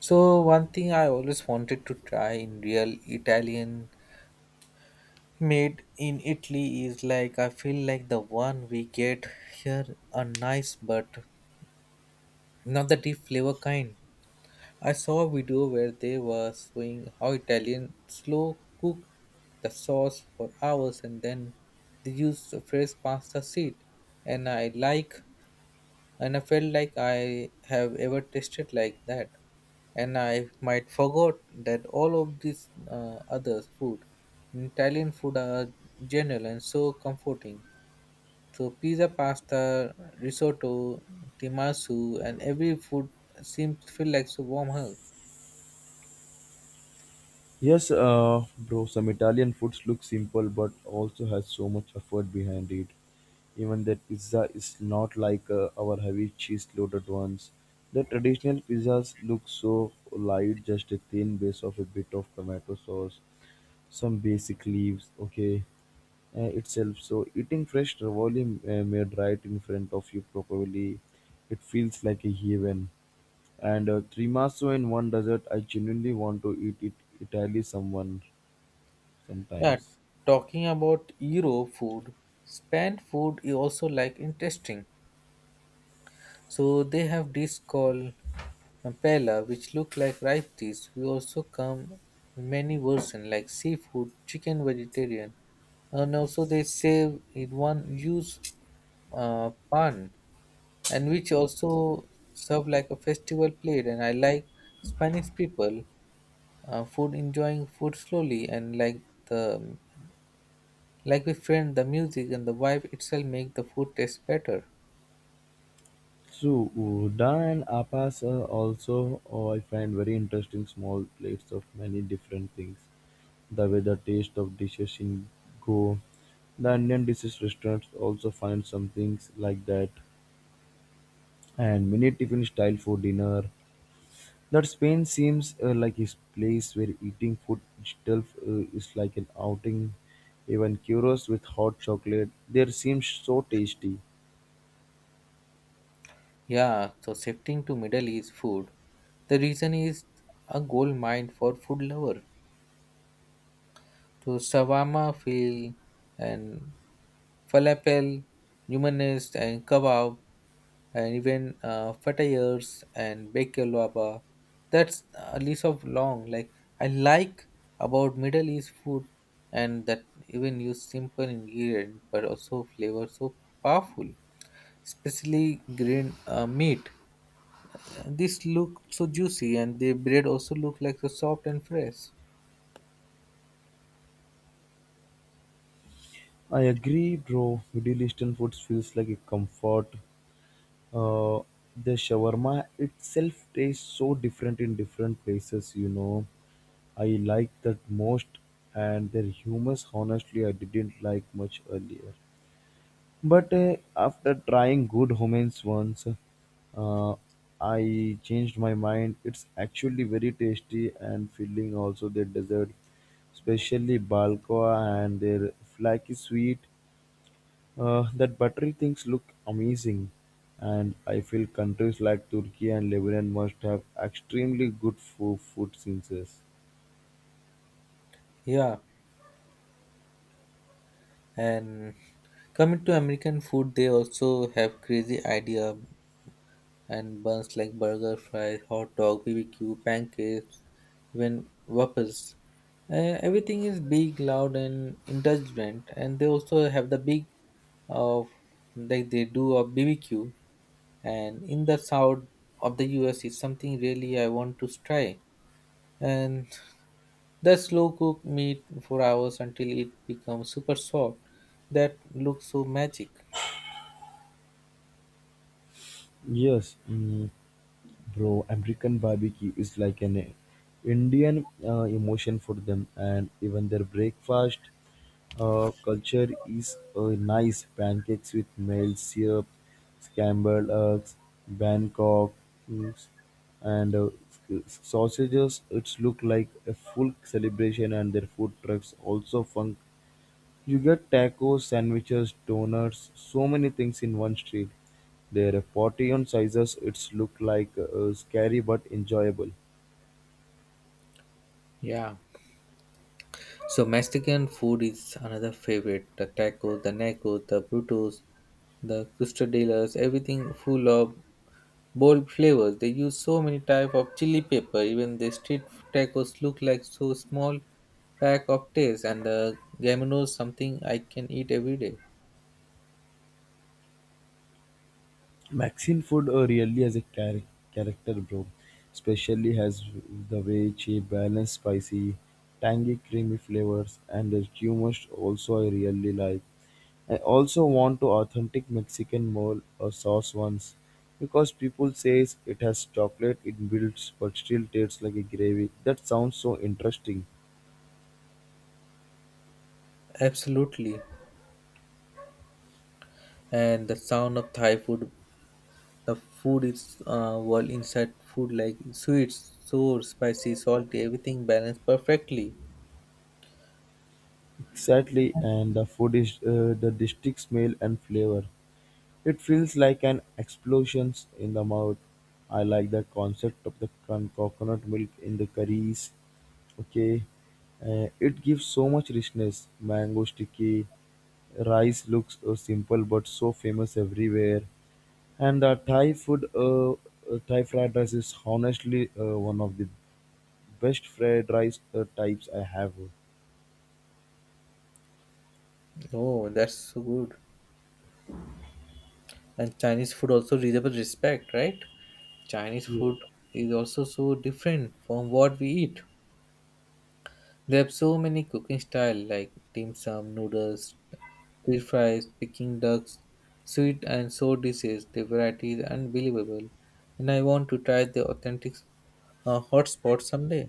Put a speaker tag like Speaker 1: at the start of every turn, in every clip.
Speaker 1: So one thing I always wanted to try in real Italian made in Italy is like I feel like the one we get here are nice but not the deep flavor kind. I saw a video where they were showing how Italian slow cook the sauce for hours and then they use a fresh pasta seed and I like and I felt like I have ever tasted like that. And I might forgot that all of these other food in Italian food are general and so comforting. So pizza, pasta, risotto, timasu, and every food seems to feel like a warm hug.
Speaker 2: Yes, bro, some Italian foods look simple but also has so much effort behind it. Even that pizza is not like our heavy cheese loaded ones. The traditional pizzas look so light, just a thin base of a bit of tomato sauce, some basic leaves, okay, itself. So eating fresh ravioli made right in front of you properly, it feels like a heaven. And trimaso in one dessert, I genuinely want to eat it Italy someone
Speaker 1: Yeah,
Speaker 2: sometimes.
Speaker 1: talking about Euro food, Span food is also like interesting. So they have this called paella, which look like rice dish. We also come in many versions like seafood, chicken, vegetarian, and also they serve in one use pan, and which also serve like a festival plate. And I like Spanish people food, enjoying food slowly, and like the like with friend, the music and the vibe itself make the food taste better.
Speaker 2: So Uda and Appas are also oh, I find very interesting small plates of many different things. The way the taste of dishes in go. The Indian dishes restaurants also find some things like that. And mini tiffin style for dinner. That Spain seems like a place where eating food itself is like an outing. Even churros with hot chocolate, they seem so tasty.
Speaker 1: Yeah, so shifting to Middle East food, the region is a gold mine for food lover. So shawarma fil and falafel, hummus and kebab and even fatayers and baklava. That's a list of long. Like I like about Middle East food and that even use simple ingredient but also flavor so powerful, especially green meat. This look so juicy, and the bread also look like so soft and fresh.
Speaker 2: I agree, bro. Middle Eastern foods feels like a comfort. Uh, the shawarma itself tastes so different in different places, you know. I like that most, and their hummus, honestly, I didn't like much earlier. But after trying good hummus once, uh, I changed my mind. It's actually very tasty and filling, also, their dessert, especially balcoa and their flaky sweet. That buttery things look amazing, and I feel countries like Turkey and Lebanon must have extremely good food, food scenes.
Speaker 1: Yeah, and coming to American food, they also have crazy idea and buns like burger, fries, hot dog, BBQ, pancakes, even waffles. Everything is big, loud, and indulgent. And they also have the big of like they do a BBQ. And in the south of the US, it's something really I want to try. And the slow cook meat for hours until it becomes super soft. That looks so magic.
Speaker 2: Yes, mm, bro, American barbecue is like an Indian emotion for them, and even their breakfast culture is nice. Pancakes with male syrup, scrambled eggs, Bangkok, mm, and sausages. It's look like a full celebration, and their food trucks also fun you get tacos, sandwiches, donuts, so many things in one street. There are 40 on sizes. It's look like scary but enjoyable.
Speaker 1: Yeah. So Mexican food is another favorite. The tacos, the nachos, the burritos, the quesadillas, everything full of bold flavors. They use so many type of chili pepper. Even the street tacos look like so small pack of taste, and the gamino is something I can eat every day.
Speaker 2: Mexican food really has a character, bro. Especially has the way she balance spicy, tangy, creamy flavors, and the humor also I really like. I also want to authentic Mexican mole or sauce once because people says it has chocolate it builds but still tastes like a gravy. That sounds so interesting.
Speaker 1: Absolutely. And the sound of Thai food, the food is well inside food like sweets, sour, spicy, salty, everything balanced perfectly.
Speaker 2: Exactly, and the food is the distinct smell and flavor. It feels like an explosion in the mouth. I like the concept of the coconut milk in the curries. Okay, it gives so much richness. Mango sticky, rice looks simple but so famous everywhere. And the Thai food, Thai fried rice is honestly one of the best fried rice types I have.
Speaker 1: Oh, that's so good. And Chinese food also reasonable respect, right? Chinese
Speaker 2: Yeah.
Speaker 1: food is also so different from what we eat. They have so many cooking style like dim sum, noodles, stir fries, picking ducks, sweet and sour dishes. The variety is unbelievable, and I want to try the authentic hotspot someday.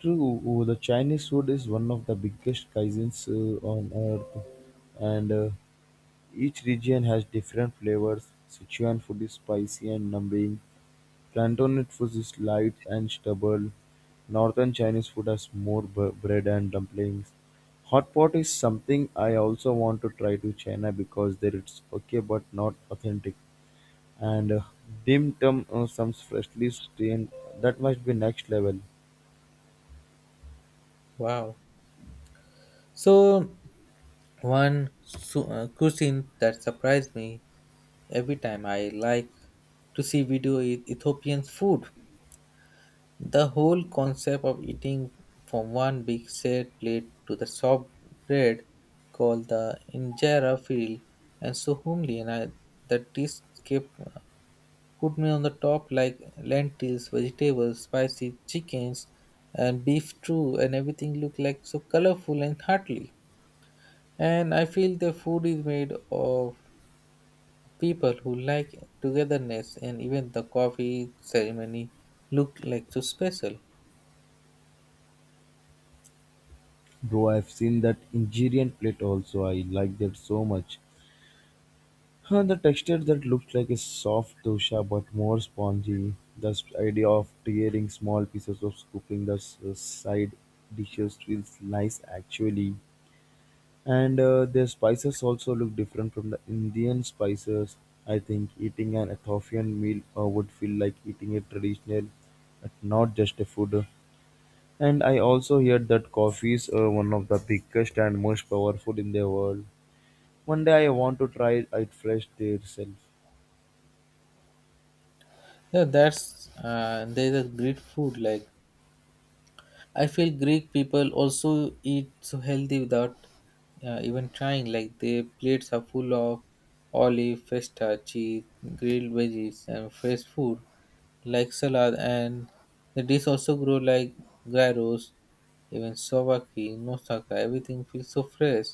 Speaker 2: True, the Chinese food is one of the biggest cuisines on earth, and each region has different flavors: Sichuan food is spicy and numbing, Cantonese food is light and stable, Northern Chinese food has more bread and dumplings. Hot pot is something I also want to try to China because there it's okay but not authentic. And dim sum some freshly strained that must be next level.
Speaker 1: Wow. So One cuisine that surprised me every time I like to see video is Ethiopian food. The whole concept of eating from one big shared plate to the soft bread called the injera feel and so homely and I, the dish kept put me on the top like lentils, vegetables, spicy chickens and beef stew and everything looked like so colorful and heartily. And I feel the food is made of people who like togetherness and even the coffee ceremony look like so special.
Speaker 2: Bro, I've seen that Nigerian plate also. I like that so much. Huh, the texture that looks like a soft dosha but more spongy. The idea of tearing small pieces of scooping the s- side dishes feels nice actually. And their spices also look different from the Indian spices. I think eating an Ethiopian meal would feel like eating a traditional, but not just a food. And I also heard that coffee is one of the biggest and most powerful in the world. One day I want to try it fresh there itself.
Speaker 1: Yeah, that's there's a great food. Like I feel Greek people also eat so healthy without even trying. Like their plates are full of olive, feta, cheese, grilled veggies, and fresh food. Like salad and the dish also grow like gyros, even sobaki, nosaka, everything feels so fresh.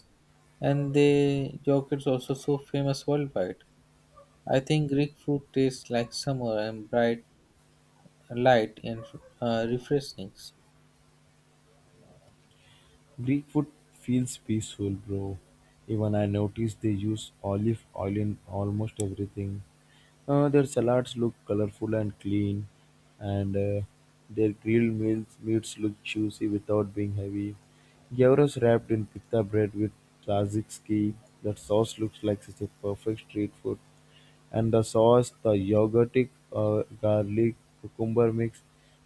Speaker 1: And the yogurt's also so famous worldwide. I think Greek food tastes like summer and bright, light and refreshing.
Speaker 2: Greekwood feels peaceful, bro. Even I noticed they use olive oil in almost everything. Their salads look colorful and clean, and their grilled meats look juicy without being heavy. Gyros wrapped in pita bread with tzatziki. That sauce looks like such a perfect street food and the sauce, the yogurtic garlic cucumber mix.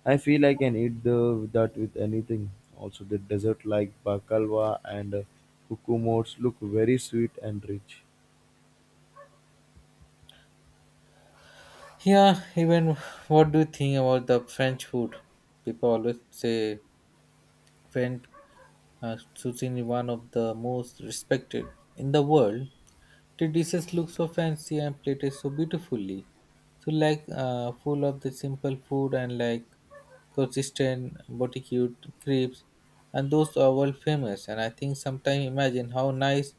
Speaker 2: I feel I can eat the, that with anything. Also, the dessert like baklava and kukumos look very sweet and rich.
Speaker 1: Yeah, even what do you think about the French food? People always say French cuisine is one of the most respected in the world. The dishes look so fancy and plated so beautifully. So like full of the simple food and like consistent barbecue, crepes, and those are world famous and I think sometimes imagine how nice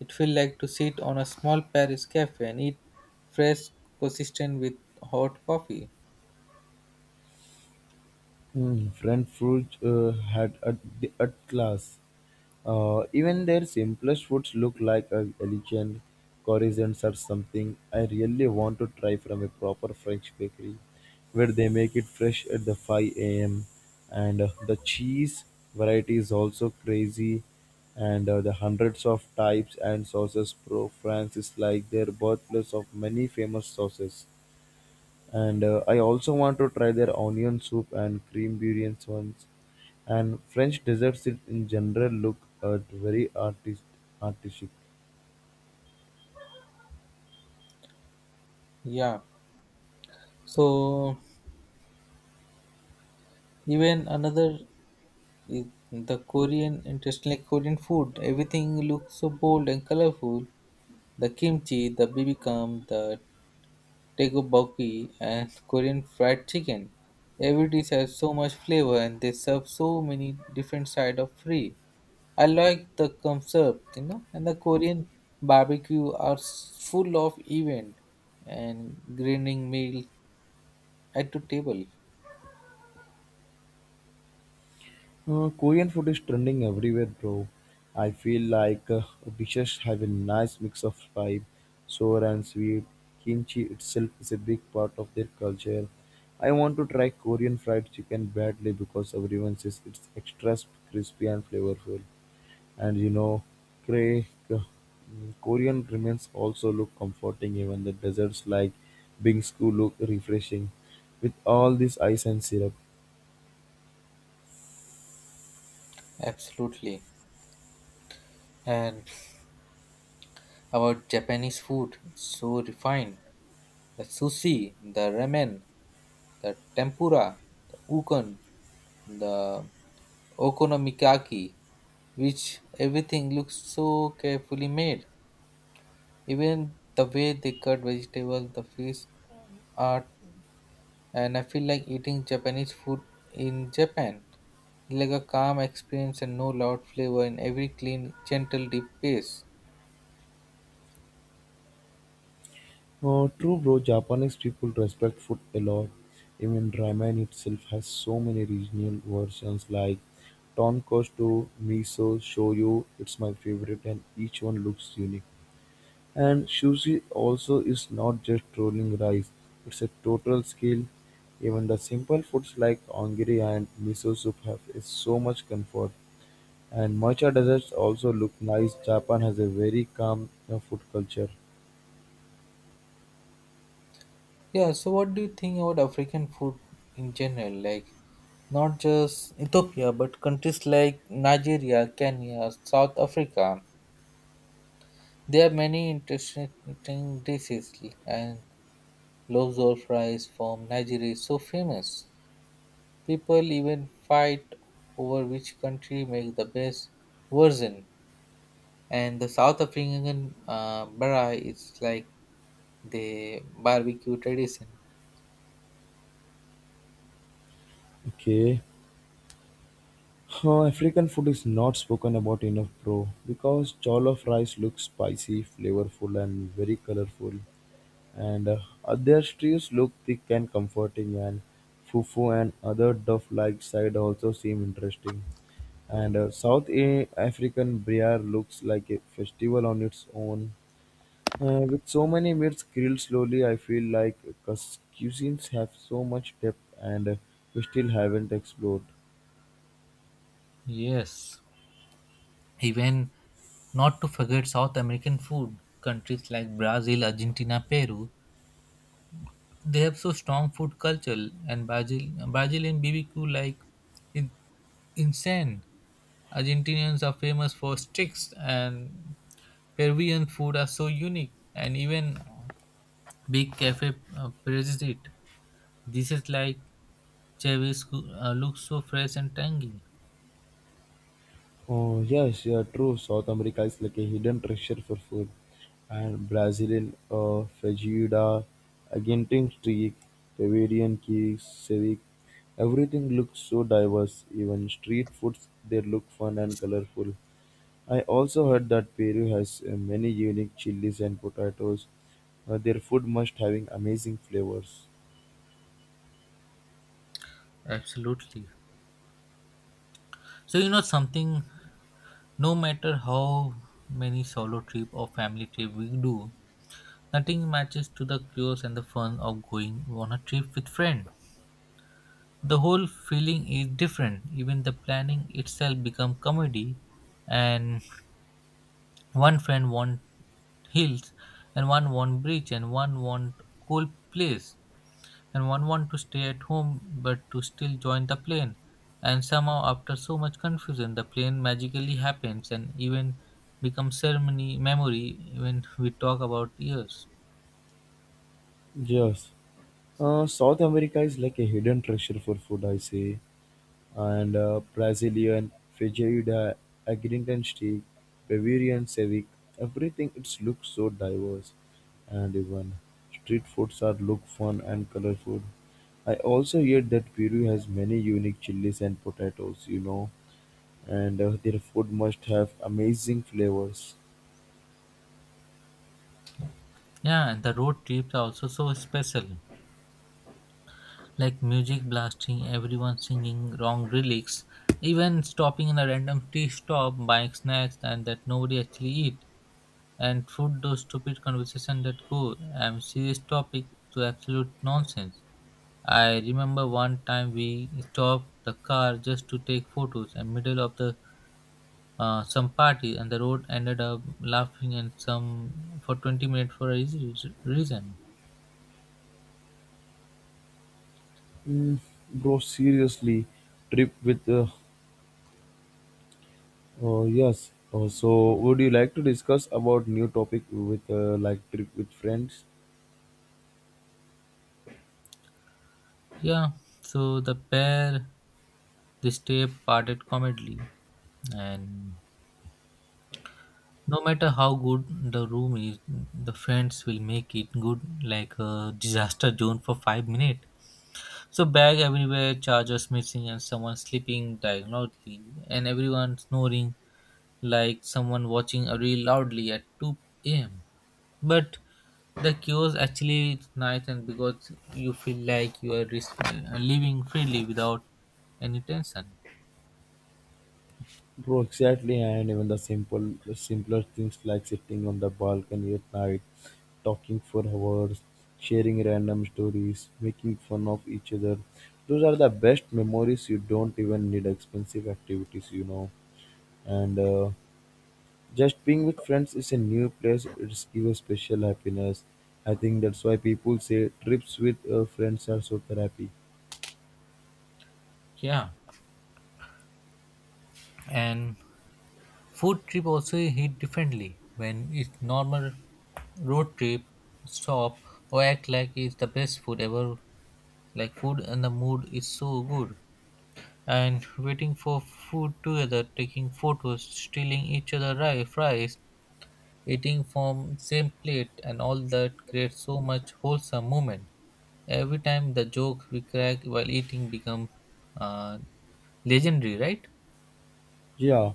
Speaker 1: it feel like to sit on a small Paris cafe and eat fresh consistent with hot coffee.
Speaker 2: Hmm, French had at, the at class. Even their simplest foods look like a elegant croissants or something. I really want to try from a proper French bakery, where they make it fresh at the 5 a.m. And the cheese variety is also crazy, and the hundreds of types and sauces. Pro France is like their birthplace of many famous sauces and I also want to try their onion soup and cream durians ones. And French desserts it in general look at very artist artistic.
Speaker 1: Yeah. So even another is the Korean, interestingly Korean food. Everything looks so bold and colorful. The kimchi, the bibimbap, the tteokbokki, and Korean fried chicken. Every dish has so much flavor and they serve so many different side of free. I like the concept, you know, and the Korean barbecue are full of event and grilling meal at the table.
Speaker 2: Korean food is trending everywhere, bro. I feel like dishes have a nice mix of spice, sour and sweet. Kimchi itself is a big part of their culture. I want to try Korean fried chicken badly because everyone says it's extra sp- crispy and flavorful. And you know, Cray, uh, Korean remains also look comforting. Even the desserts like bingsu look refreshing, with all this ice and syrup.
Speaker 1: Absolutely. And about Japanese food, so refined. The sushi, the ramen, the tempura, the ukon, the okonomiyaki, which everything looks so carefully made. Even the way they cut vegetables, the fish art, and I feel like eating Japanese food in Japan. Like a calm experience and no loud flavor in every clean, gentle, deep pace.
Speaker 2: Oh, true, bro. Japanese people respect food a lot. Even ramen itself has so many regional versions like tonkotsu, miso, shoyu. It's my favorite, and each one looks unique. And sushi also is not just rolling rice, it's a total skill. Even the simple foods like ongiri and miso soup have is so much comfort. And matcha desserts also look nice. Japan has a very calm food culture.
Speaker 1: Yeah, so what do you think about African food in general? Like, not just Ethiopia, but countries like Nigeria, Kenya, South Africa. There are many interesting dishes and Lobster fries from Nigeria is so famous. People even fight over which country makes the best version. And the South African bara is like the barbecue tradition.
Speaker 2: Okay. Huh, African food is not spoken about enough, bro, because jollof rice looks spicy, flavorful, and very colorful. And their stews look thick and comforting and fufu and other duff-like side also seem interesting and south african briar looks like a festival on its own. With so many meats grilled slowly I feel like cus- cuisines have so much depth and we still haven't explored.
Speaker 1: Yes. Even not to forget South American food, countries like Brazil, Argentina, Peru, they have so strong food culture, and Brazilian BBQ like is insane. Argentinians are famous for sticks, and Peruvian food are so unique, and even big cafe praises it. Dishes like Chavez look so fresh and tangy.
Speaker 2: Oh, yes, yeah, true. South America is like a hidden treasure for food. And Brazilian feijoada, Argentine streak, Peruvian cakes, civic. Everything looks so diverse. Even street foods, they look fun and colorful. I also heard that Peru has many unique chilies and potatoes. Their food must having amazing flavors.
Speaker 1: Absolutely. So you know something. No matter how many solo trip or family trip we do, nothing matches to the chaos and the fun of going on a trip with friends. The whole feeling is different. Even the planning itself become comedy, and one friend want hills, and one want beach, and one want cool place, and one want to stay at home but to still join the plane. And somehow, after so much confusion, the plane magically happens and even becomes ceremony memory when we talk about years.
Speaker 2: Yes. South America is like a hidden treasure for food, I say. And Brazilian feijoada, Argentine steak, Bavarian ceviche. Everything it's looks so diverse, and even street foods are look fun and colorful. I also hear that Peru has many unique chilies and potatoes, you know, and their food must have amazing flavors.
Speaker 1: Yeah, and the road trips are also so special, like music blasting, everyone singing wrong lyrics, even stopping in a random tea stop, buying snacks, and that nobody actually eat and through those stupid conversations that go serious topic to absolute nonsense. I remember one time we stopped the car just to take photos in middle of the some party and the road ended up laughing and some for 20 minutes for a easy reason.
Speaker 2: Mm, bro, seriously, trip with yes. So, would you like to discuss about new topic with like trip with friends?
Speaker 1: Yeah, so the pair this day parted comedily and no matter how good the room is the friends will make it good like a disaster zone for 5 minutes. So bag everywhere, chargers missing, and someone sleeping diagonally, and everyone snoring like someone watching a reel loudly at 2 a.m. But the chaos actually is nice, and because you feel like you are living freely without any tension.
Speaker 2: Bro, exactly, and even the simpler things like sitting on the balcony at night, talking for hours, sharing random stories, making fun of each other. Those are the best memories. You don't even need expensive activities, you know. And just being with friends is a new place. It's give a special happiness. I think that's why people say trips with friends are so therapy.
Speaker 1: Yeah, and food trip also hit differently when it's normal road trip stop or act like it's the best food ever. Like food and the mood is so good. And waiting for food together, taking photos, stealing each other fries, eating from same plate, and all that creates so much wholesome moment. Every time the joke we crack while eating become uh, legendary, right?
Speaker 2: Yeah,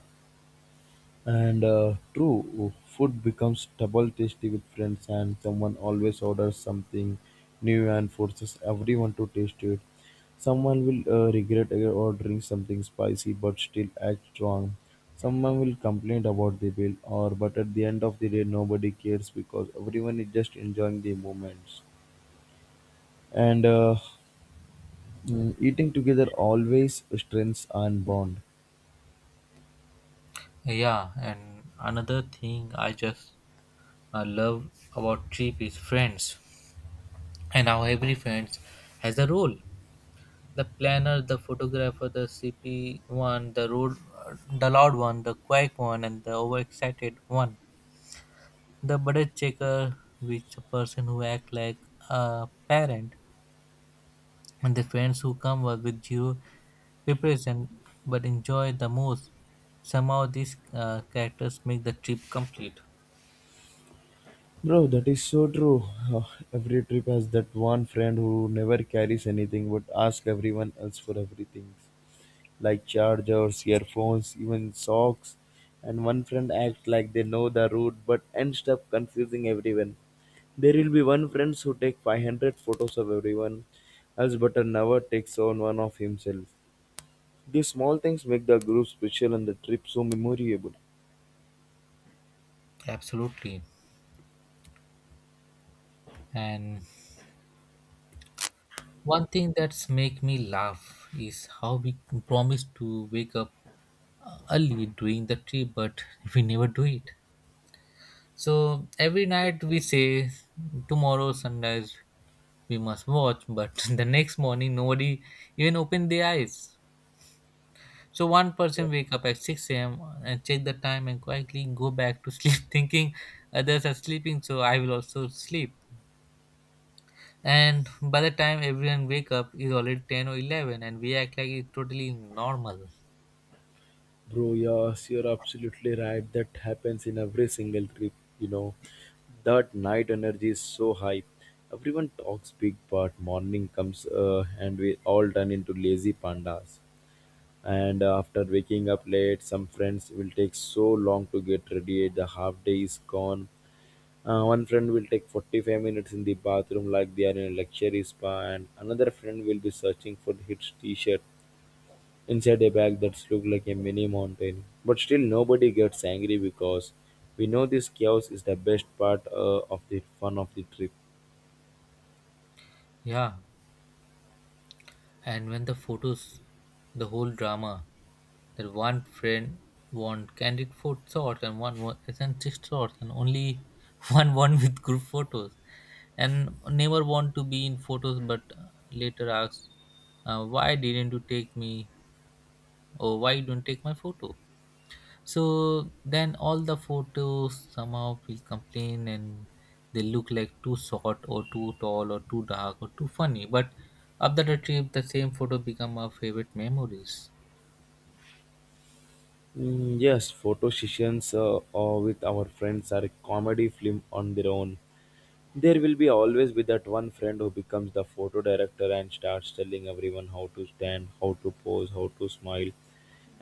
Speaker 2: and true, food becomes double tasty with friends, and someone always orders something new and forces everyone to taste it. Someone will regret ordering something spicy but still act wrong. Someone will complain about the bill, or but at the end of the day, nobody cares because everyone is just enjoying the moments. And eating together always strengthens and bond.
Speaker 1: Yeah, and another thing I just love about trip is friends, and how every friends has a role. The planner, the photographer, the CP one, the road, the loud one, the quiet one, and the overexcited one. The budget checker, which the person who act like a parent, and the friends who come up with zero preparation but enjoy the most. Somehow these characters make the trip complete.
Speaker 2: Bro, that is so true. Every trip has that one friend who never carries anything but asks everyone else for everything, like chargers, earphones, even socks. And one friend acts like they know the route but ends up confusing everyone. There will be one friend who takes 500 photos of everyone else but never takes on one of himself. These small things make the group special and the trip so memorable.
Speaker 1: Absolutely. And one thing that's make me laugh is how we promise to wake up early during the trip, but we never do it. So every night we say tomorrow sunrise we must watch, but the next morning nobody even open their eyes. So one person wake up at 6 a.m and check the time and quietly go back to sleep thinking others are sleeping so I will also sleep. And by the time everyone wake up is already 10 or 11 and we act like it's totally normal.
Speaker 2: Bro, yes, you're absolutely right. That happens in every single trip, you know. That night energy is so high. Everyone talks big, but morning comes and we all turn into lazy pandas. And after waking up late, some friends will take so long to get ready. The half day is gone. One friend will take 45 minutes in the bathroom like they are in a luxury spa, and another friend will be searching for his t shirt inside a bag that's look like a mini mountain. But still, nobody gets angry because we know this chaos is the best part of the fun of the trip.
Speaker 1: Yeah. And when the photos, the whole drama, that one friend want candid photo shots and one wa- is shots and only one with group photos, and never want to be in photos, but later asks, "Why didn't you take me? Or why you don't take my photo?" So then all the photos somehow will complain and they look like too short or too tall or too dark or too funny. But after the trip, the same photo become our favorite memories.
Speaker 2: Mm, yes, photo sessions with our friends are a comedy film on their own. There will be always be that one friend who becomes the photo director and starts telling everyone how to stand, how to pose, how to smile,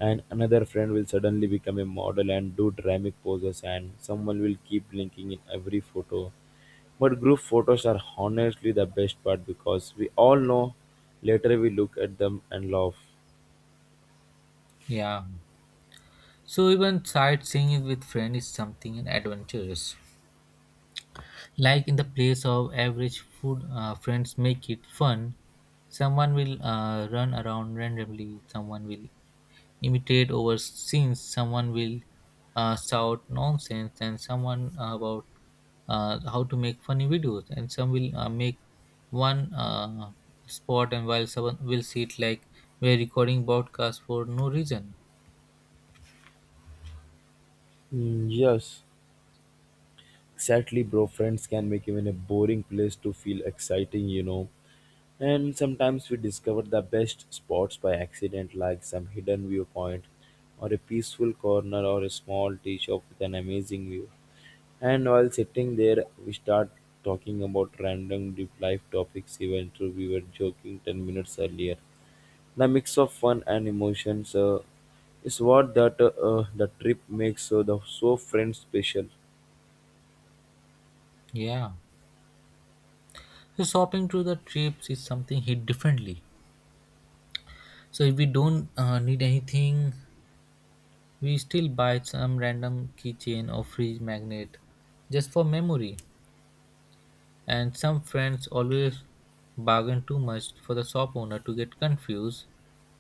Speaker 2: and another friend will suddenly become a model and do dramatic poses, and someone will keep linking in every photo. But group photos are honestly the best part because we all know later we look at them and laugh.
Speaker 1: Yeah. So even sightseeing with friends is something adventurous. Like in the place of average food, friends make it fun. Someone will run around randomly. Someone will imitate over scenes. Someone will shout nonsense, and someone about how to make funny videos, and some will make one spot, and while someone will see it like we're recording broadcast for no reason.
Speaker 2: Mm, yes. Sadly, bro, friends can make even a boring place to feel exciting, And sometimes we discover the best spots by accident, like some hidden viewpoint, or a peaceful corner, or a small tea shop with an amazing view. And while sitting there, we start talking about random deep life topics even though we were joking 10 minutes earlier. The mix of fun and emotions is what that the trip makes the so friend special.
Speaker 1: Yeah. So shopping through the trips is something hit differently. So if we don't need anything, we still buy some random keychain or fridge magnet just for memory. And some friends always bargain too much for the shop owner to get confused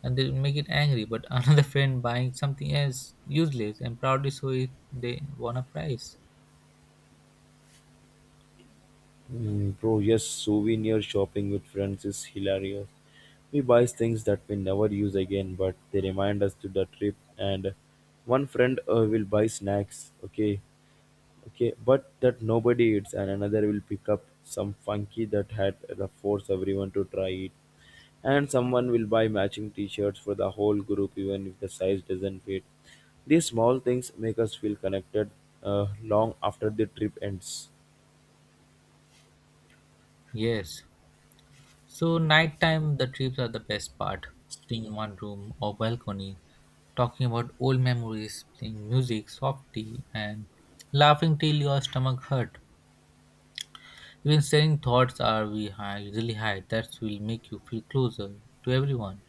Speaker 1: and they make it angry. But another friend buying something else useless and proudly show it they won a prize.
Speaker 2: Mm, bro, yes, souvenir shopping with friends is hilarious. We buy things that we never use again, but they remind us to the trip. And one friend will buy snacks, okay. Okay, but that nobody eats, and another will pick up some funky that had the force everyone to try it, and someone will buy matching T-shirts for the whole group, even if the size doesn't fit. These small things make us feel connected long after the trip ends.
Speaker 1: Yes. So nighttime the trips are the best part. Sitting in one room or balcony, talking about old memories, playing music, soft tea, and laughing till your stomach hurt. Even sharing thoughts are we usually hide. That will make you feel closer to everyone.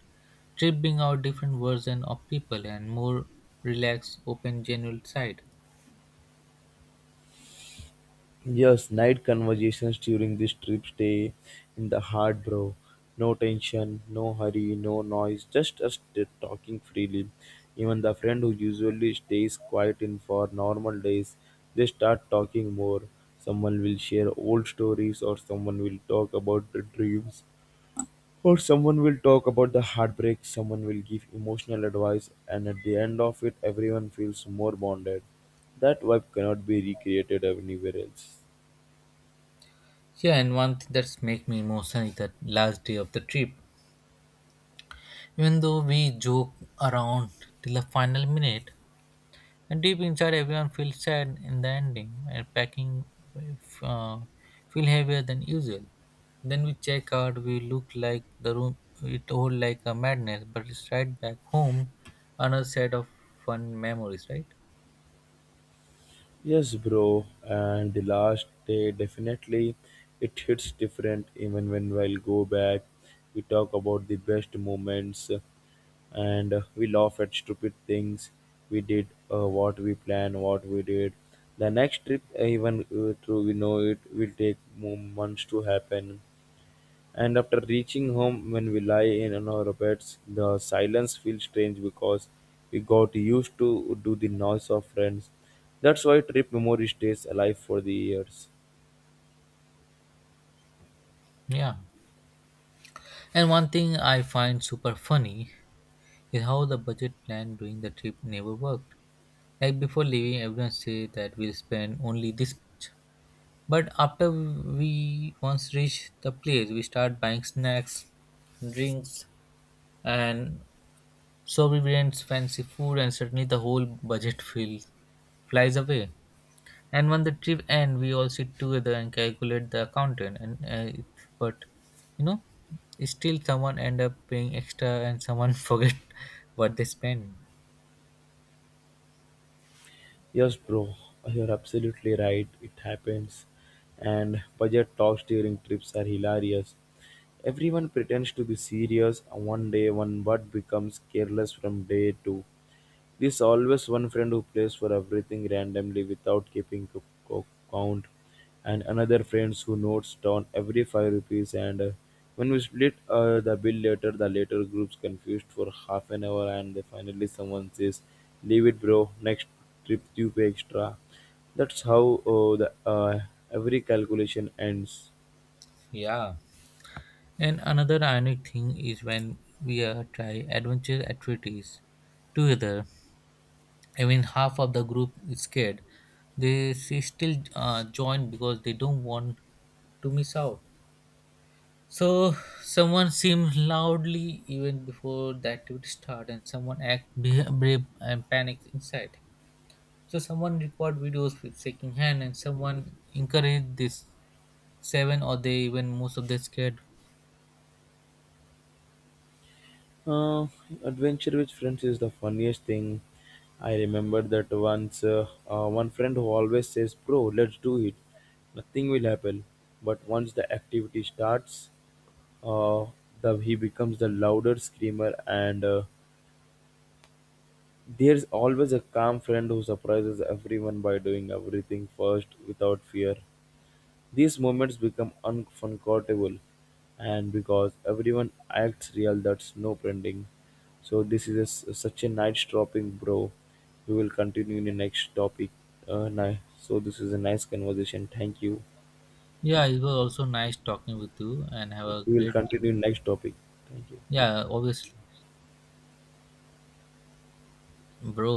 Speaker 1: Trip bring out different version of people and more relaxed, open, genuine side.
Speaker 2: Yes, night conversations during this trip stay in the heart, bro. No tension, no hurry, no noise, just talking freely. Even the friend who usually stays quiet in for normal days, they start talking more. Someone will share old stories, or someone will talk about the dreams, or someone will talk about the heartbreak, someone will give emotional advice, and at the end of it, everyone feels more bonded. That vibe cannot be recreated anywhere else.
Speaker 1: Yeah, and one thing that's make me emotional is that last day of the trip. Even though we joke around till the final minute, and deep inside everyone feels sad in the ending and packing uh, feel heavier than usual. Then we check out, we look like the room, it all like a madness, but it's right back home, another set of fun memories, right?
Speaker 2: Yes, bro, and the last day definitely it hits different even when we'll go back. We talk about the best moments and we laugh at stupid things we did, what we planned, what we did. The next trip, even through we know it will take months to happen, and after reaching home, when we lie in on our beds, the silence feels strange because we got used to do the noise of friends. That's why trip memory stays alive for the years.
Speaker 1: Yeah. And one thing I find super funny is how the budget plan during the trip never worked. Like before leaving, everyone said that we'll spend only this much. But after we once reach the place, we start buying snacks, drinks, and sovereigns, fancy food, and suddenly the whole budget feels flies away and when the trip end we all sit together and calculate the accountant and it, but you know still someone end up paying extra and someone forget what they spend.
Speaker 2: Yes, bro, you're absolutely right. It happens. And budget talks during trips are hilarious. Everyone pretends to be serious on one day, one but becomes careless from day 2. There's always one friend who plays for everything randomly without keeping co- count, and another friends who notes down every 5 rupees. And when we split the bill later, the later group's confused for half an hour, and then finally someone says, "Leave it, bro. Next trip you pay extra." That's how the every calculation ends.
Speaker 1: Yeah. And another ironic thing is when we try adventure activities together even half of the group is scared, they still join because they don't want to miss out. So someone seemed loudly even before the activity started, and someone act brave and panicked inside. So someone record videos with shaking hand, and someone encouraged this seven, or they even most of them scared.
Speaker 2: Uh, Adventure with friends is the funniest thing. I remember that once one friend who always says, "Bro, let's do it. Nothing will happen." But once the activity starts, uh, he becomes the louder screamer, and there's always a calm friend who surprises everyone by doing everything first without fear. These moments become unforgettable, and because everyone acts real, that's no pretending. So this is a s such a nice dropping, bro. We will continue in the next topic. Uh, ni- so this is a nice conversation. Thank you.
Speaker 1: Yeah, it was also nice talking with you, and have a
Speaker 2: We will
Speaker 1: great day.
Speaker 2: continue next topic. Thank you.
Speaker 1: Yeah, obviously, bro.